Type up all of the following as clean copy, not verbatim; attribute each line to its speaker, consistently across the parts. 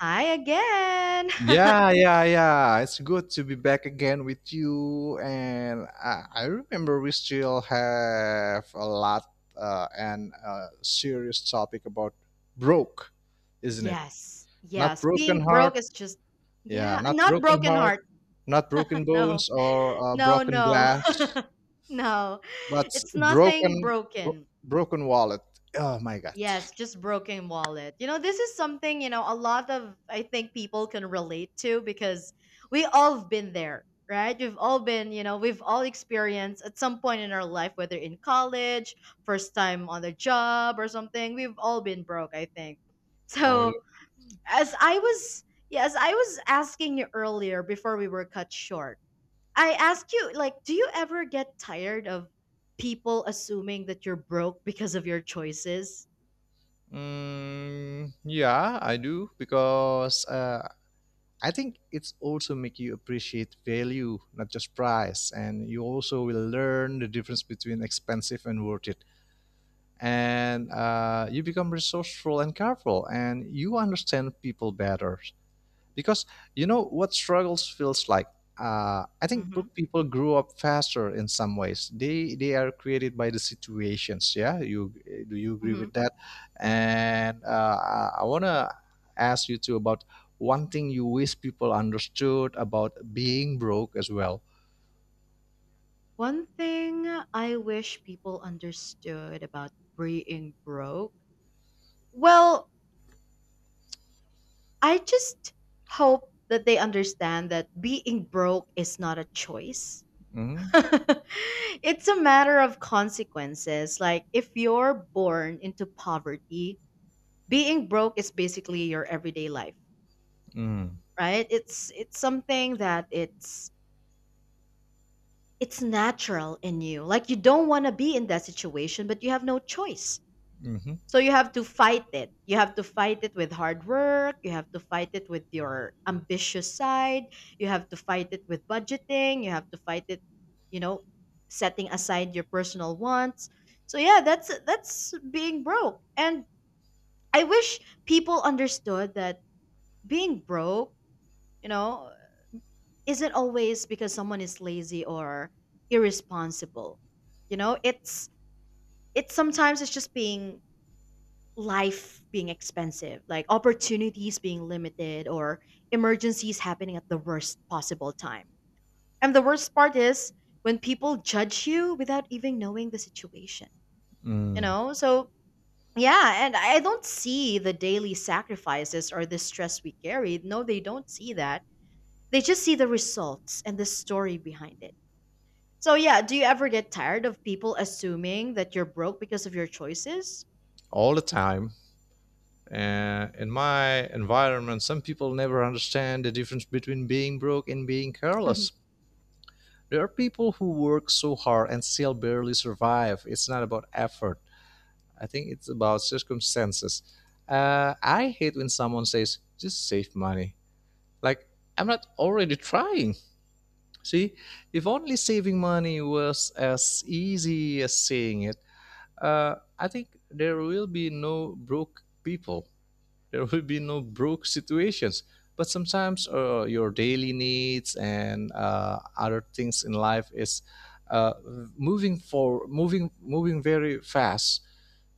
Speaker 1: Hi again.
Speaker 2: Yeah, yeah, yeah. It's good to be back again with you. And I remember we still have a lot and a serious topic about broke, isn't it?
Speaker 1: Yes,
Speaker 2: Not
Speaker 1: yes.
Speaker 2: broken
Speaker 1: Being
Speaker 2: heart.
Speaker 1: broke is just
Speaker 2: Yeah,
Speaker 1: yeah,
Speaker 2: not
Speaker 1: not
Speaker 2: broken
Speaker 1: broken
Speaker 2: heart,
Speaker 1: heart.
Speaker 2: not broken
Speaker 1: No.
Speaker 2: bones or
Speaker 1: No,
Speaker 2: broken
Speaker 1: no.
Speaker 2: glass,
Speaker 1: No.
Speaker 2: but
Speaker 1: It's nothing
Speaker 2: broken, bro-
Speaker 1: broken.
Speaker 2: broken wallet. Oh my God.
Speaker 1: Yes, just broken wallet. This is something, a lot of I think people can relate to because we all have been there, right? We've all been, we've all experienced at some point in our life, whether in college, first time on the job or something, we've all been broke, I think.
Speaker 2: Or
Speaker 1: So as I was yes, I was asking you earlier before we were cut short. I asked you, like, do you ever get tired of people assuming that you're broke because of your choices?
Speaker 2: Yeah, I do because I think it's also make you appreciate value, not just price, and you also will learn the difference between expensive and worth it. And you become resourceful and careful, and you understand people better because you know what struggles feels like. I think brook people grew up faster in some ways. They are created by the situations, yeah. you Do you agree
Speaker 1: Mhm.
Speaker 2: with that? And I want to ask you too about one thing you wish people understood about being broke as well.
Speaker 1: One thing I wish people understood about being broke, well, I just hope that they understand that being broke is not a choice.
Speaker 2: Mhm,
Speaker 1: It's a matter of consequences. Like, if you're born into poverty, being broke is basically your everyday life,
Speaker 2: mm,
Speaker 1: right? It's something that it's natural in you. Like you don't want to be in that situation, but you have no choice.
Speaker 2: mhm,
Speaker 1: So you have to fight it. You have to fight it with hard work. You have to fight it with your ambitious side. You have to fight it with budgeting. You have to fight it, you know, setting aside your personal wants. So yeah, that's being broke. And I wish people understood that being broke, you know, isn't always because someone is lazy or irresponsible. You know, it's sometimes it's just being life being expensive, like opportunities being limited or emergencies happening at the worst possible time. And the worst part is when people judge you without even knowing the situation, you
Speaker 2: mm.
Speaker 1: know? So, yeah, and I don't see the daily sacrifices or the stress we carry. No, they don't see that. They just see the results and the story behind it. So, yeah, do you ever get tired of people assuming that you're broke because of your choices?
Speaker 2: All the time. In my environment, some people never understand the difference between being broke and being careless. There are people who work so hard and still barely survive. It's not about effort, I think it's about circumstances. I hate when someone says, just save money. Like, I'm not already trying. See, if only saving money was as easy as saying it, I think there will be no broke people. There will be no broke situations. But sometimes your daily needs and other things in life is uh, moving for moving moving very fast.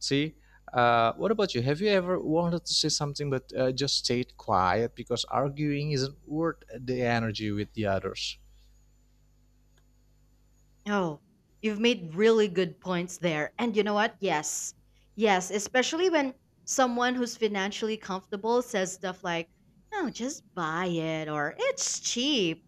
Speaker 2: See, what about you? Have you ever wanted to say something but just stayed quiet because arguing isn't worth the energy with the others?
Speaker 1: Oh, you've made really good points there. And you know what? Yes. Yes, especially when someone who's financially comfortable says stuff like, no, just buy it or it's cheap.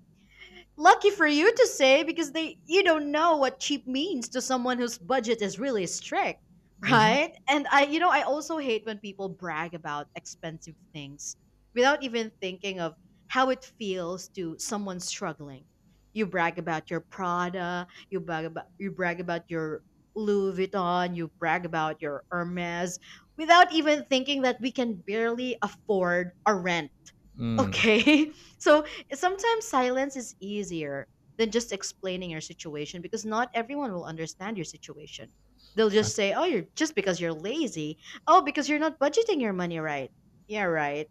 Speaker 1: Lucky for you to say because they you don't know what cheap means to someone whose budget is really strict,
Speaker 2: Hmm.
Speaker 1: right? And I you know I also hate when people brag about expensive things without even thinking of how it feels to someone struggling. You brag about your Prada, you brag about your Louis Vuitton, you brag about your Hermes without even thinking that we can barely afford a rent.
Speaker 2: Mm,
Speaker 1: Okay. So sometimes silence is easier than just explaining your situation because not everyone will understand your situation. They'll
Speaker 2: uh,
Speaker 1: just say, "Oh, you're just because you're lazy. Oh, because you're not budgeting your money right." Yeah, right.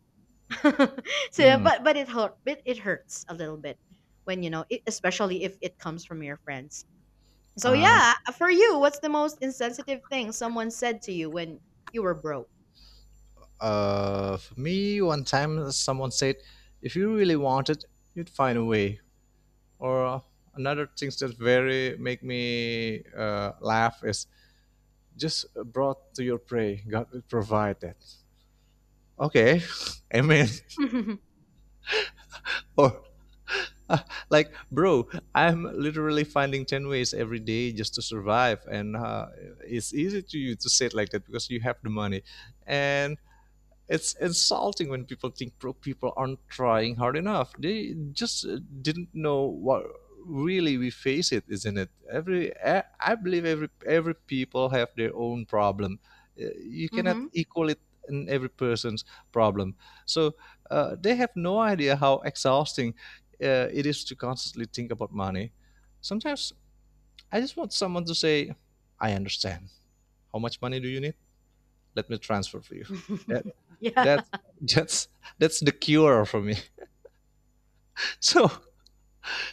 Speaker 1: So, yeah,
Speaker 2: mm,
Speaker 1: but it hurt. It hurts a little bit when you know, it, especially if it comes from your friends. So
Speaker 2: uh,
Speaker 1: yeah, for you, what's the most insensitive thing someone said to you when you were broke?
Speaker 2: for me, one time someone said, if you really want it, you'd find a way. Or another things that very make me laugh is just brought to your prey. God will provide that. Okay, amen.
Speaker 1: Hmm.
Speaker 2: Or uh, like, bro, I'm literally finding 10 ways every day just to survive, and it's easy to you to say it like that because you have the money, and it's insulting when people think broke people aren't trying hard enough. They just didn't know what really we face it, isn't it? Every I believe every people have their own problem. You cannot
Speaker 1: Hmm.
Speaker 2: equal it in every person's problem. So they have no idea how exhausting it is to constantly think about money. Sometimes I just want someone to say, "I understand. How much money do you need? Let me transfer for you." Uh,
Speaker 1: Yeah.
Speaker 2: that's that's that's the cure for me. So,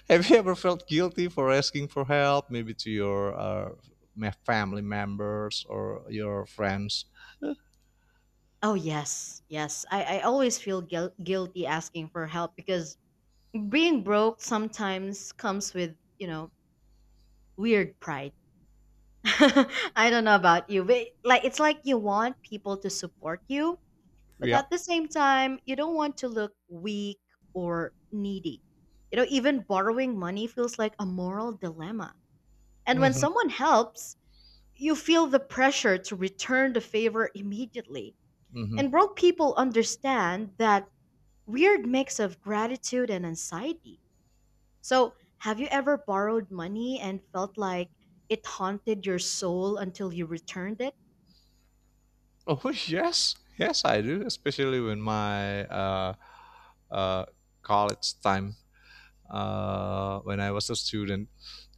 Speaker 2: have you ever felt guilty for asking for help, maybe to your family members or your friends?
Speaker 1: Oh yes, yes. I always feel guilty asking for help because being broke sometimes comes with you know weird pride. I don't know about you, but like it's like you want people to support you, but
Speaker 2: Yeah.
Speaker 1: at the same time you don't want to look weak or needy. You know, even borrowing money feels like a moral dilemma. And when
Speaker 2: Hmm.
Speaker 1: someone helps, you feel the pressure to return the favor immediately.
Speaker 2: Hmm.
Speaker 1: And broke people understand that weird mix of gratitude and anxiety. So, have you ever borrowed money and felt like it haunted your soul until you returned it?
Speaker 2: Oh, yes, yes, I do. Especially when my uh, college time, when I was a student.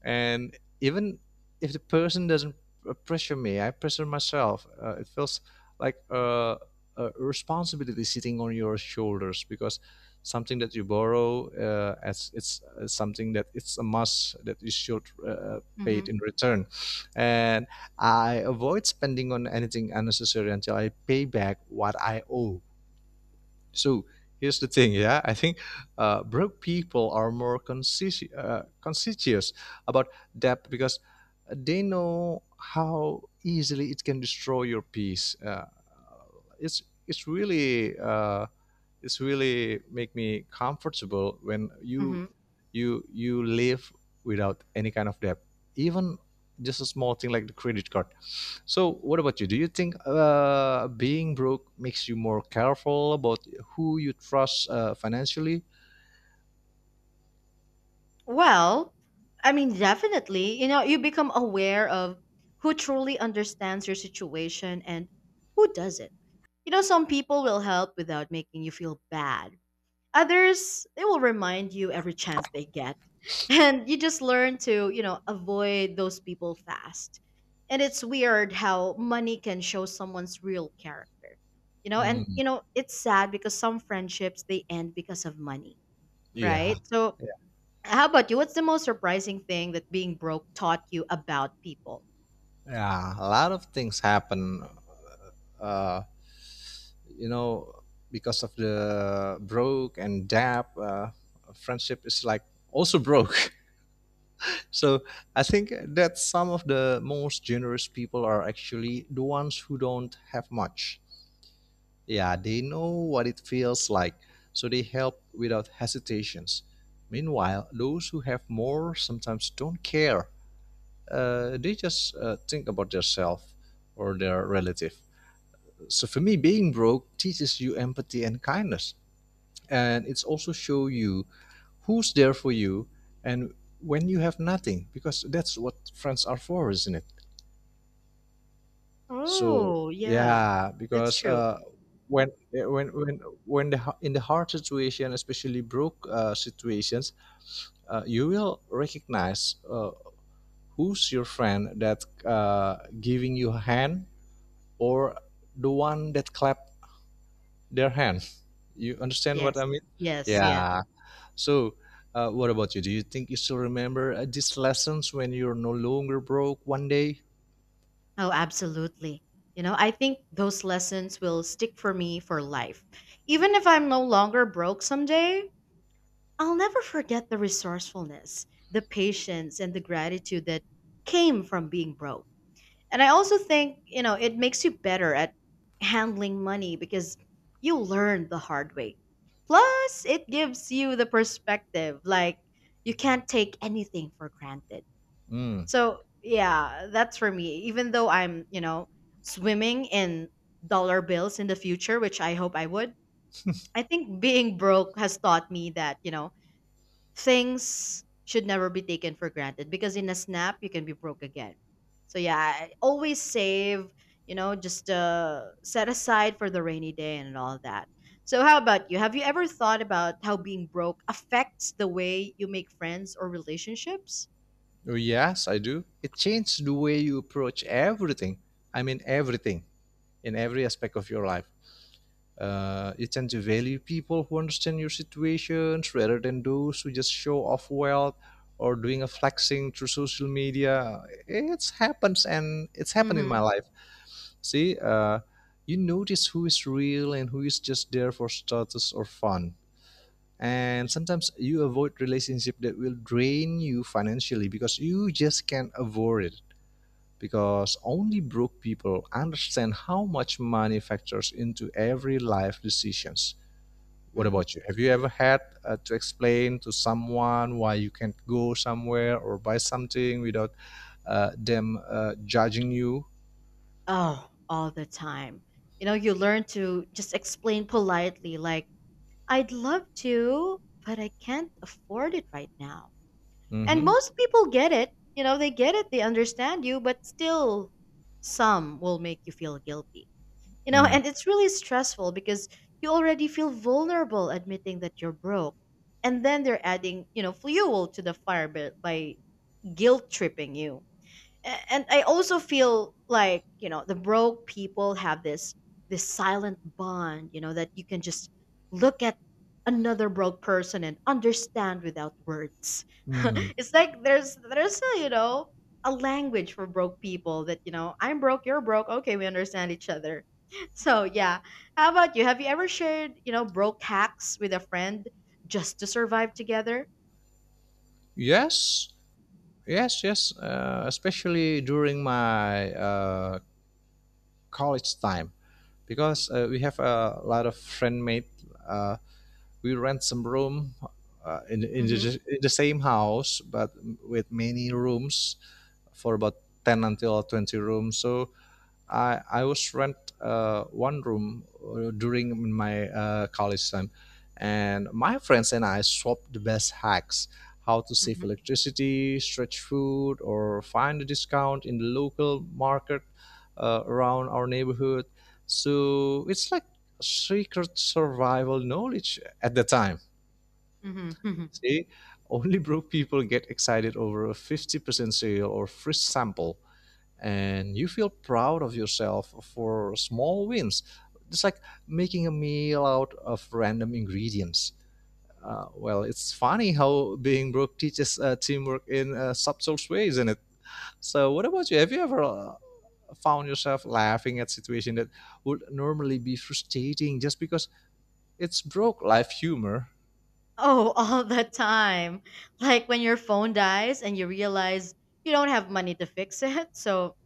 Speaker 2: And even if the person doesn't pressure me, I pressure myself. It feels like a responsibility sitting on your shoulders because something that you borrow as it's something that it's a must that you should pay
Speaker 1: Mm-hmm.
Speaker 2: it in return, and I avoid spending on anything unnecessary until I pay back what I owe. So here's the thing, yeah. I think broke people are more conscientious, conscientious about debt because they know how easily it can destroy your peace. It's really it's really make me comfortable when
Speaker 1: Mm-hmm.
Speaker 2: you you live without any kind of debt, even just a small thing like the credit card. So what about you? Do you think being broke makes you more careful about who you trust financially?
Speaker 1: Well, I mean, definitely. You know, you become aware of who truly understands your situation and who doesn't. You know, some people will help without making you feel bad. Others, they will remind you every chance they get. And you just learn to, you know, avoid those people fast. And it's weird how money can show someone's real character. You know, and
Speaker 2: Mm,
Speaker 1: you know, it's sad because some friendships they end because of money,
Speaker 2: yeah.
Speaker 1: right? So,
Speaker 2: yeah
Speaker 1: how about you? What's the most surprising thing that being broke taught you about people?
Speaker 2: yeah a lot of things happen. uh, you know, because of the broke and dap, friendship is like also broke. So I think that some of the most generous people are actually the ones who don't have much. Yeah, they know what it feels like, so they help without hesitations. Meanwhile, those who have more sometimes don't care. They just think about themselves or their relative. So for me, being broke teaches you empathy and kindness, and it's also show you who's there for you and when you have nothing, because that's what friends are for, isn't it? So
Speaker 1: Oh, yeah.
Speaker 2: yeah,
Speaker 1: That's
Speaker 2: because
Speaker 1: true.
Speaker 2: when when in the hard situation, especially broke situations, you will recognize who's your friend that giving you a hand or the one that clap their hand. You understand what
Speaker 1: Yes.
Speaker 2: I mean?
Speaker 1: Yes, yes.
Speaker 2: Yeah. So, what about you? Do you think you still remember these lessons when you're no longer broke one day?
Speaker 1: Oh, absolutely. You know, I think those lessons will stick for me for life. Even if I'm no longer broke someday, I'll never forget the resourcefulness, the patience, and the gratitude that came from being broke. And I also think, you know, it makes you better at handling money because you learn the hard way. Plus, it gives you the perspective like, you can't take anything for granted.
Speaker 2: Mm.
Speaker 1: So yeah, that's for me. Even though I'm, you know, swimming in dollar bills in the future, which I hope I would, I think being broke has taught me that, you know, things should never be taken for granted because in a snap you can be broke again. So yeah, I always save, you know, just set aside for the rainy day and all that. So how about you? Have you ever thought about how being broke affects the way you make friends or relationships?
Speaker 2: Oh, yes, I do. It changed the way you approach everything. I mean, everything in every aspect of your life. You tend to value people who understand your situations rather than those who just show off wealth or doing a flexing through social media. It's happens and it's happened in my
Speaker 1: Mm-hmm.
Speaker 2: life. See, you notice who is real and who is just there for status or fun. And sometimes you avoid relationship that will drain you financially because you just can't avoid it. Because only broke people understand how much money factors into every life decisions. What
Speaker 1: Mm-hmm.
Speaker 2: about you? Have you ever had to explain to someone why you can't go somewhere or buy something without them judging you?
Speaker 1: Oh, all the time. You know, you learn to just explain politely, like, I'd love to, but I can't afford it right now. And
Speaker 2: Mm-hmm.
Speaker 1: most people get it. You know, they get it, they understand you, but still, some will make you feel guilty. You know,
Speaker 2: Mm.
Speaker 1: and it's really stressful because you already feel vulnerable admitting that you're broke. And then they're adding, you know, fuel to the fire by, guilt tripping you. And I also feel like you know the broke people have this silent bond, you know, that you can just look at another broke person and understand without words.
Speaker 2: Mm.
Speaker 1: It's like there's a, you know, a language for broke people that you know I'm broke, you're broke, okay, we understand each other. So yeah, how about you? Have you ever shared you know broke hacks with a friend just to survive together?
Speaker 2: Yes, yes, yes, especially during my college time, because we have a lot of friend mate. Uh, we rent some room
Speaker 1: Mm-hmm.
Speaker 2: in the same house, but with many rooms for about 10 until 20 rooms. So I was rent one room during my college time, and my friends and I swapped the best hacks, how to save
Speaker 1: Mm-hmm.
Speaker 2: electricity, stretch food, or find a discount in the local market around our neighborhood. So it's like secret survival knowledge at the time.
Speaker 1: Mm-hmm.
Speaker 2: See, only broke people get excited over a 50% sale or free sample, and you feel proud of yourself for small wins. It's like making a meal out of random ingredients. Well, it's funny how being broke teaches teamwork in subtle ways, isn't it? So, what about you? Have you ever found yourself laughing at situation that would normally be frustrating just because it's broke life humor?
Speaker 1: Oh, all the time. Like when your phone dies and you realize you don't have money to fix it, so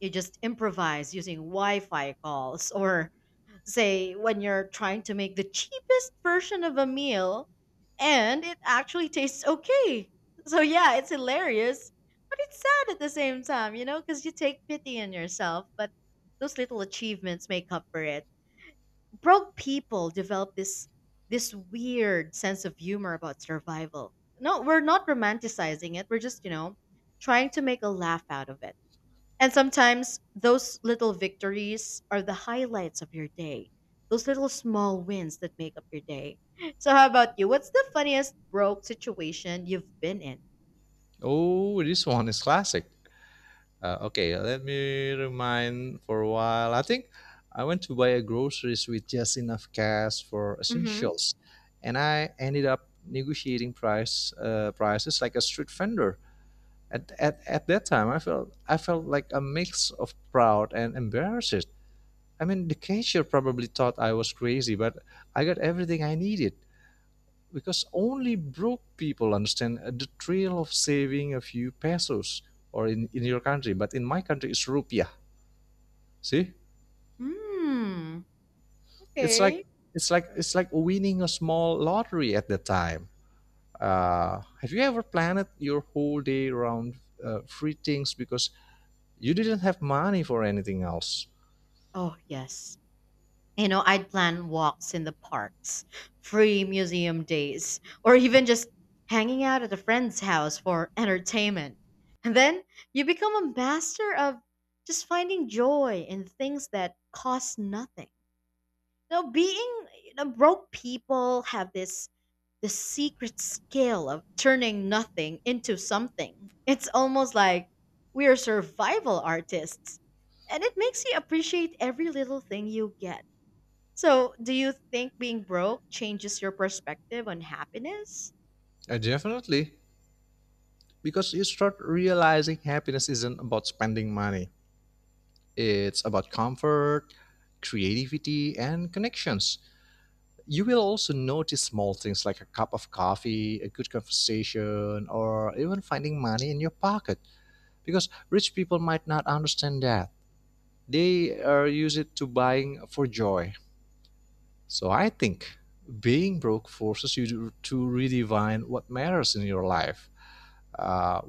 Speaker 1: you just improvise using Wi Fi calls. Or, say, when you're trying to make the cheapest version of a meal and it actually tastes okay. So, yeah, it's hilarious, but it's sad at the same time, you know, because you take pity on yourself, but those little achievements make up for it. Broke people develop this weird sense of humor about survival. No, we're not romanticizing it. We're just, you know, trying to make a laugh out of it. And sometimes those little victories are the highlights of your day. Those little small wins that make up your day. So how about you? What's the funniest broke situation you've been in?
Speaker 2: Oh, this one is classic. Okay, let me remind for a while. I think I went to buy a groceries with just enough cash for
Speaker 1: Mm-hmm.
Speaker 2: essentials, and I ended up negotiating prices like a street vendor. At that time, I felt like a mix of proud and embarrassed. I mean, the cashier probably thought I was crazy, but I got everything I needed because only broke people understand the thrill of saving a few pesos, or in your country, but in my country it's rupiah. See?
Speaker 1: Hmm.
Speaker 2: It's like
Speaker 1: Okay.
Speaker 2: it's like winning a small lottery at the time. Have you ever planned your whole day around free things because you didn't have money for anything else?
Speaker 1: Oh yes. You know, I'd plan walks in the parks, free museum days, or even just hanging out at a friend's house for entertainment. And then you become a master of just finding joy in things that cost nothing. Now, being you know, broke people have this the secret skill of turning nothing into something. It's almost like we are survival artists, and it makes you appreciate every little thing you get. So, do you think being broke changes your perspective on happiness?
Speaker 2: Definitely. Because you start realizing happiness isn't about spending money. It's about comfort, creativity, and connections. You will also notice small things like a cup of coffee, a good conversation, or even finding money in your pocket, because rich people might not understand that. They are used to buying for joy. So I think being broke forces you to redefine what matters in your life. Uh,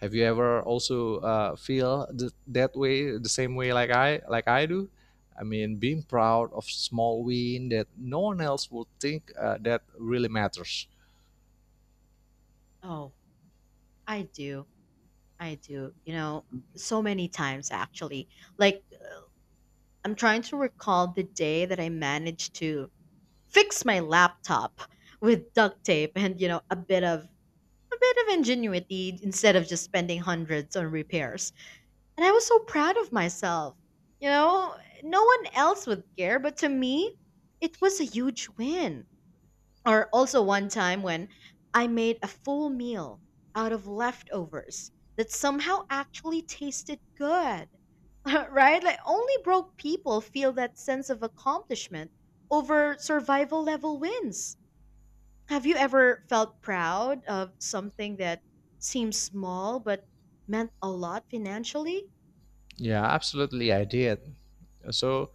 Speaker 2: Have you ever also feel that way, the same way like I do? I mean, being proud of small win that no one else would think that really matters.
Speaker 1: Oh, I do. I do. You know, so many times actually. Like, I'm trying to recall the day that I managed to fix my laptop with duct tape and, you know, a bit of ingenuity instead of just spending hundreds on repairs. And I was so proud of myself. You know, no one else would care, but to me, it was a huge win. Or also one time when I made a full meal out of leftovers that somehow actually tasted good. Right? Like only broke people feel that sense of accomplishment over survival level wins. Have you ever felt proud of something that seems small but meant a lot financially?
Speaker 2: Yeah, absolutely, I did. So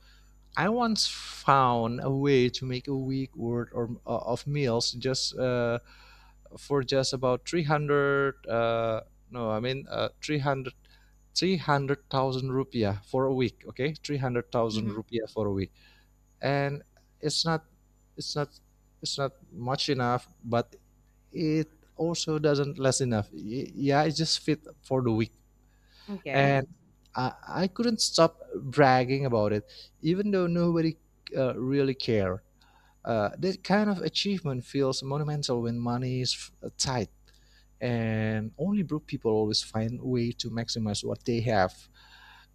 Speaker 2: I once found a way to make a week worth or, of meals just for just about 300 uh, no I mean uh, 300 rupiah for a week. Okay, 300,000
Speaker 1: Hmm.
Speaker 2: rupiah for a week. And it's not it's not it's not much enough, but it also doesn't less enough. Yeah, it just fit for the week.
Speaker 1: Okay.
Speaker 2: And I couldn't stop bragging about it, even though nobody really cared. Uh, that kind of achievement feels monumental when money is tight, and only broke people always find a way to maximize what they have.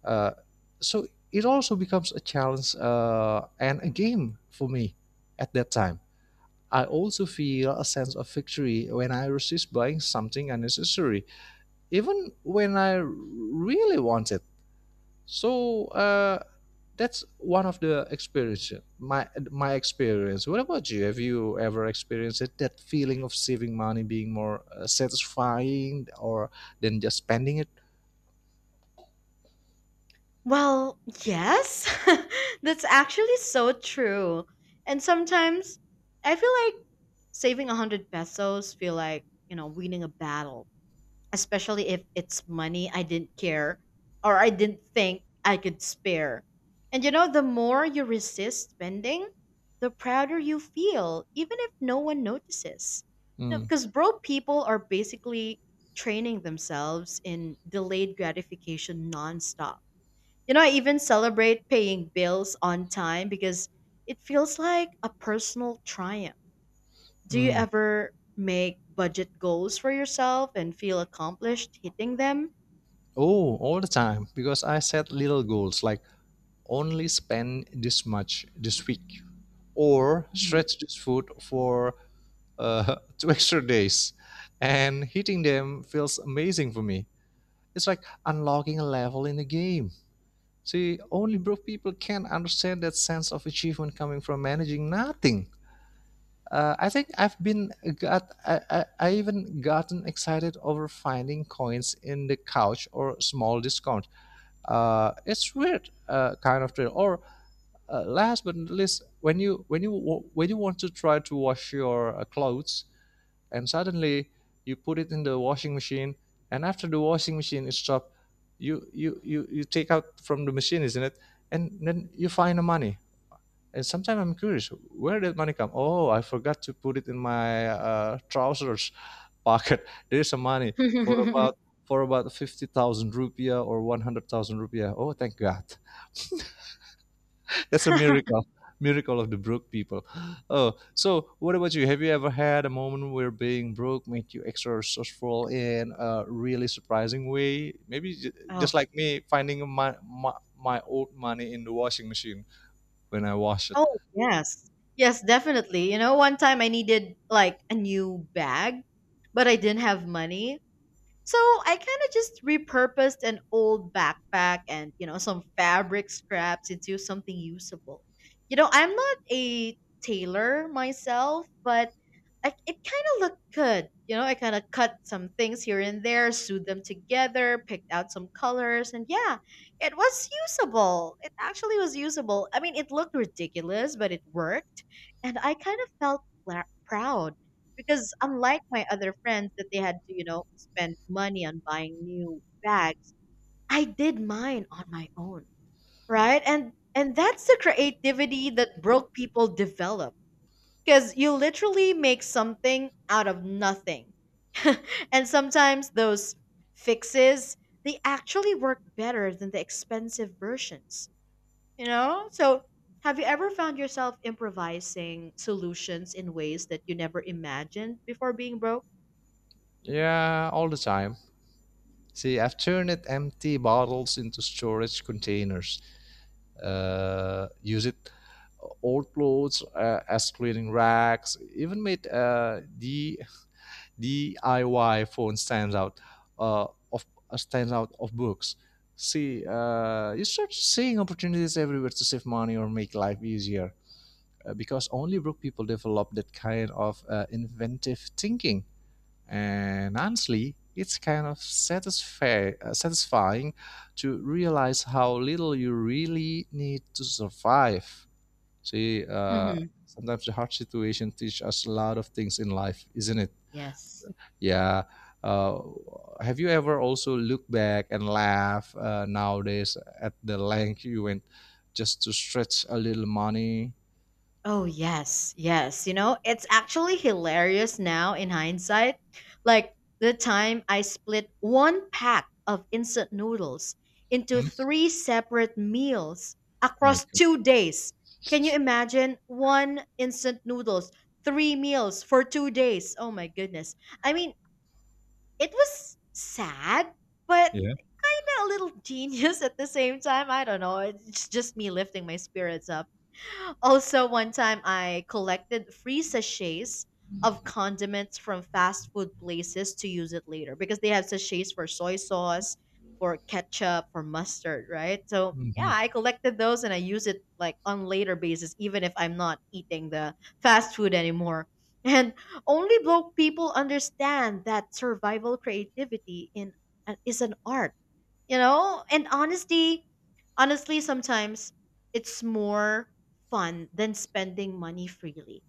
Speaker 2: uh, so it also becomes a challenge and a game for me at that time. I also feel a sense of victory when I resist buying something unnecessary, even when I really want it. So that's one of the experience. My experience. What about you? Have you ever experienced it, that feeling of saving money being more satisfying or than just spending it.
Speaker 1: Well, yes. That's actually so true. And sometimes I feel like saving 100 pesos feel like, you know, winning a battle, especially if it's money I didn't care or I didn't think I could spare. And you know, the more you resist spending, the prouder you feel, even if no one notices. You know,
Speaker 2: Mm,
Speaker 1: because broke people are basically training themselves in delayed gratification nonstop. You know, I even celebrate paying bills on time because it feels like a personal triumph. Do you
Speaker 2: mm.
Speaker 1: ever make budget goals for yourself and feel accomplished hitting them?
Speaker 2: Oh, all the time because I set little goals like only spend this much this week or
Speaker 1: Mhm.
Speaker 2: stretch this food for two extra days, and hitting them feels amazing for me. It's like unlocking a level in the game. See, only broke people can understand that sense of achievement coming from managing nothing. Uh, I think I've been got I even gotten excited over finding coins in the couch or small discount. It's weird, kind of thrill. Or Last but not least, when you want to try to wash your clothes, and suddenly you put it in the washing machine, and after the washing machine is stopped, you take out from the machine, isn't it? And then you find the money. And sometimes I'm curious, where did money come? Oh, I forgot to put it in my trousers pocket. There is some money for about for about 50,000 rupiah or 100,000 rupiah. Oh, thank God. That's a miracle. Miracle of the broke people. Oh, so what about you? Have you ever had a moment where being broke made you extra resourceful in a really surprising way? Maybe just
Speaker 1: Oh,
Speaker 2: like me, finding my old money in the washing machine when I wash it.
Speaker 1: oh yes, yes, definitely. You know, one time I needed a new bag, but I didn't have money, so I kind of just repurposed an old backpack and some fabric scraps into something usable. You know, I'm not a tailor myself, but it kind of looked good. You know, I kind of cut some things here and there, sewed them together, picked out some colors, and yeah, it was usable. It actually was usable. I mean, it looked ridiculous, but it worked, and I kind of felt proud because unlike my other friends that they had to spend money on buying new bags. I did mine on my own. Right, and that's the creativity that broke people develop, because you literally make something out of nothing. And sometimes those fixes, they actually work better than the expensive versions, so have you ever found yourself improvising solutions in ways that you never imagined before being broke?
Speaker 2: Yeah, all the time. See, I've turned empty bottles into storage containers. Use it old clothes as cleaning racks, even made the diy phone stands out uh, of stands out of books. See, you start seeing opportunities everywhere to save money or make life easier, because only broke people develop that kind of inventive thinking. And honestly, it's kind of satisfying to realize how little you really need to survive. See,
Speaker 1: Mhm.
Speaker 2: sometimes the hard situation teach us a lot of things in life, isn't it?
Speaker 1: Yes.
Speaker 2: Yeah. Uh, have you ever also looked back and laugh nowadays at the length you went just to stretch a little money?
Speaker 1: Oh, yes. Yes. You know, it's actually hilarious now in hindsight. Like the time I split one pack of instant noodles into
Speaker 2: Hmm?
Speaker 1: three separate meals
Speaker 2: My
Speaker 1: across
Speaker 2: God.
Speaker 1: 2 days. Can you imagine? One instant noodles, three meals for 2 days? Oh, my goodness. I mean, it was sad, but kind
Speaker 2: Yeah.
Speaker 1: of a little genius at the same time. I don't know. It's just me lifting my spirits up. Also, one time I collected free sachets of condiments from fast food places to use it later, because they have sachets for soy sauce, for ketchup, for mustard, right? So, yeah,
Speaker 2: Mhm.
Speaker 1: I collected those and I use it like on later basis even if I'm not eating the fast food anymore. And only broke people understand that survival creativity in is an art, you know? And honestly sometimes it's more fun than spending money freely.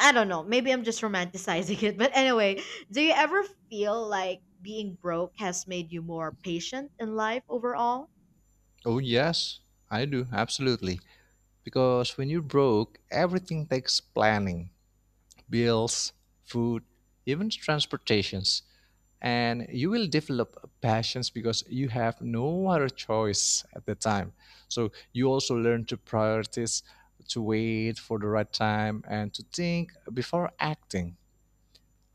Speaker 1: I don't know. Maybe I'm just romanticizing it. But anyway, do you ever feel like being broke has made you more patient in life overall?
Speaker 2: Oh yes, I do absolutely. Because when you're broke, everything takes planning, bills, food, even transportations. And you will develop passions because you have no other choice at the time. So you also learn to prioritize, to wait for the right time, and to think before acting.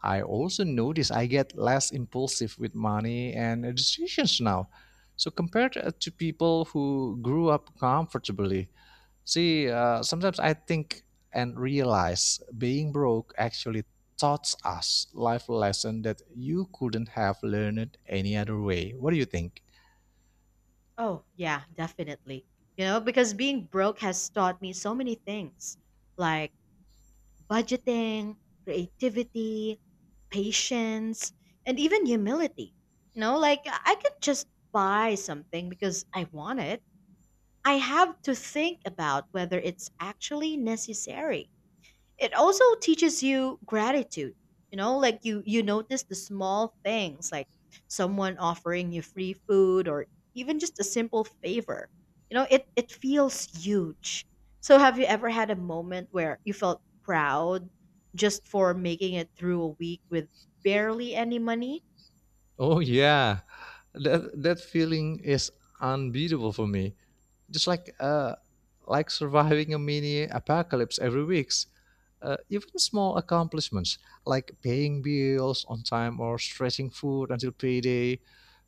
Speaker 2: I also notice I get less impulsive with money and decisions now. So compared to people who grew up comfortably, see, sometimes I think and realize being broke actually taught us life lesson that you couldn't have learned any other way. What do you think?
Speaker 1: Oh, yeah, definitely. You know, because being broke has taught me so many things, like budgeting, creativity, patience, and even humility. You know, like I could just buy something because I want it. I have to think about whether it's actually necessary. It also teaches you gratitude. You know, like you notice the small things, like someone offering you free food or even just a simple favor. You know, it feels huge. So have you ever had a moment where you felt proud just for making it through a week with barely any money?
Speaker 2: Oh yeah, that feeling is unbeatable for me. Just like surviving a mini apocalypse every week. Even small accomplishments like paying bills on time or stretching food until payday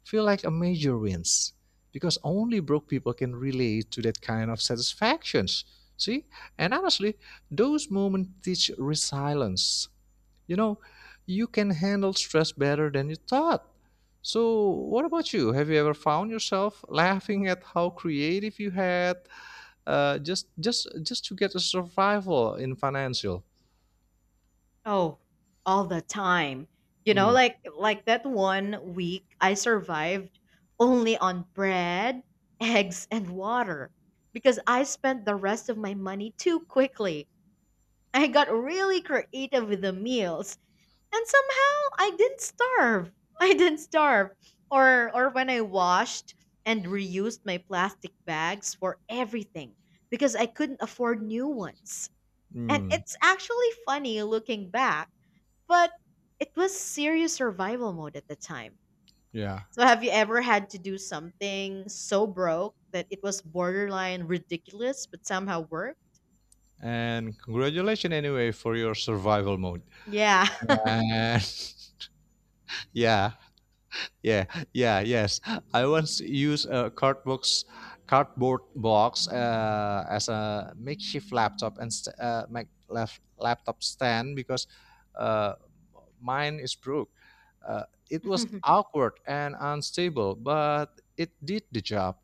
Speaker 2: feel like a major wins, because only broke people can relate to that kind of satisfactions. See, and honestly, those moments teach resilience, you know, you can handle stress better than you thought. So what about you, have you ever found yourself laughing at how creative you had just to get a survival in financial.
Speaker 1: Oh, all the time. You know,
Speaker 2: Mm,
Speaker 1: like that one week I survived only on bread, eggs, and water because I spent the rest of my money too quickly. I got really creative with the meals, and somehow I didn't starve. I didn't starve. Or when I washed and reused my plastic bags for everything because I couldn't afford new ones. And
Speaker 2: mm,
Speaker 1: it's actually funny looking back, but it was serious survival mode at the time.
Speaker 2: yeah.
Speaker 1: So have you ever had to do something so broke that it was borderline ridiculous but somehow worked?
Speaker 2: And congratulations anyway for your survival mode,
Speaker 1: Yeah.
Speaker 2: and yeah. Yeah, yeah, yes. I once used a cardboard box as a makeshift laptop and laptop stand, because uh, mine is broke. Uh, it was awkward and unstable, but it did the job.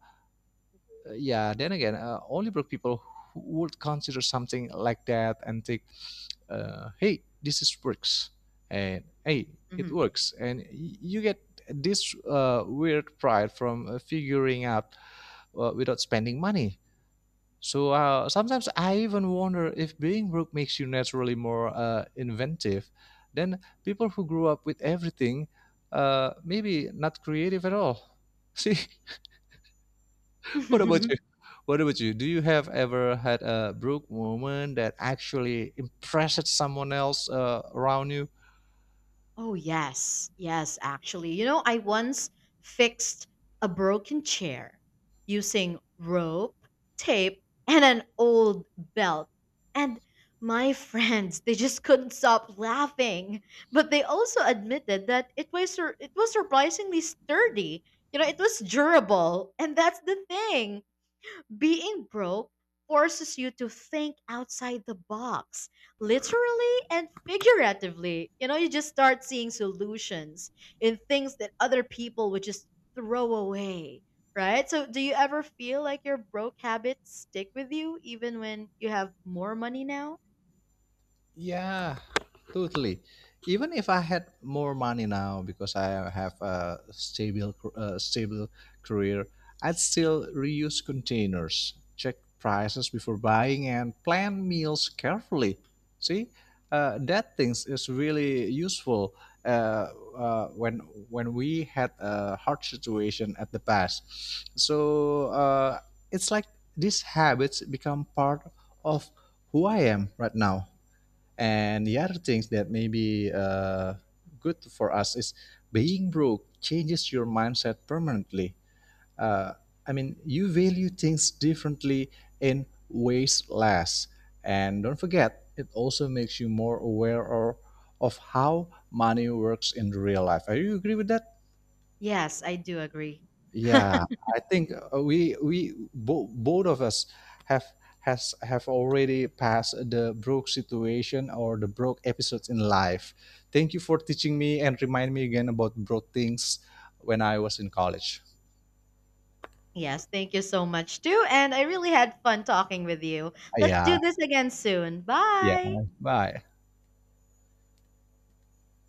Speaker 2: Yeah, then again, only broke people who would consider something like that and think, hey, this is works, and hey, it
Speaker 1: Mhm.
Speaker 2: works, and you get this weird pride from figuring out without spending money. So sometimes I even wonder if being broke makes you naturally more inventive than people who grew up with everything, maybe not creative at all. See, what about you? What about you? Do you have ever had a broke moment that actually impressed someone else around you?
Speaker 1: Oh, yes. Yes, actually. You know, I once fixed a broken chair using rope, tape, and an old belt. And my friends, they just couldn't stop laughing. But they also admitted that it was it was surprisingly sturdy. You know, it was durable, and that's the thing. Being broke forces you to think outside the box, literally and figuratively. You know, you just start seeing solutions in things that other people would just throw away, right? So, do you ever feel like your broke habits stick with you even when you have more money now?
Speaker 2: Yeah, totally. Even if I had more money now because I have a stable stable career, I'd still reuse containers, check prices before buying, and plan meals carefully. See, that things is really useful, uh, uh, when when we had a hard situation at the past. So, it's like these habits become part of who I am right now. And the other things that may be good for us is being broke changes your mindset permanently. Uh, I mean, you value things differently and waste less. And don't forget, it also makes you more aware or, of how money works in real life. Are you agree with that?
Speaker 1: Yes, I do agree.
Speaker 2: Yeah, I think both of us have have already passed the broke situation or the broke episodes in life. Thank you for teaching me and remind me again about broke things when I was in college.
Speaker 1: Yes, thank you so much too. And I really had fun talking with you. Let's
Speaker 2: Yeah,
Speaker 1: do this again soon.
Speaker 2: yeah.
Speaker 1: Bye.
Speaker 2: Bye.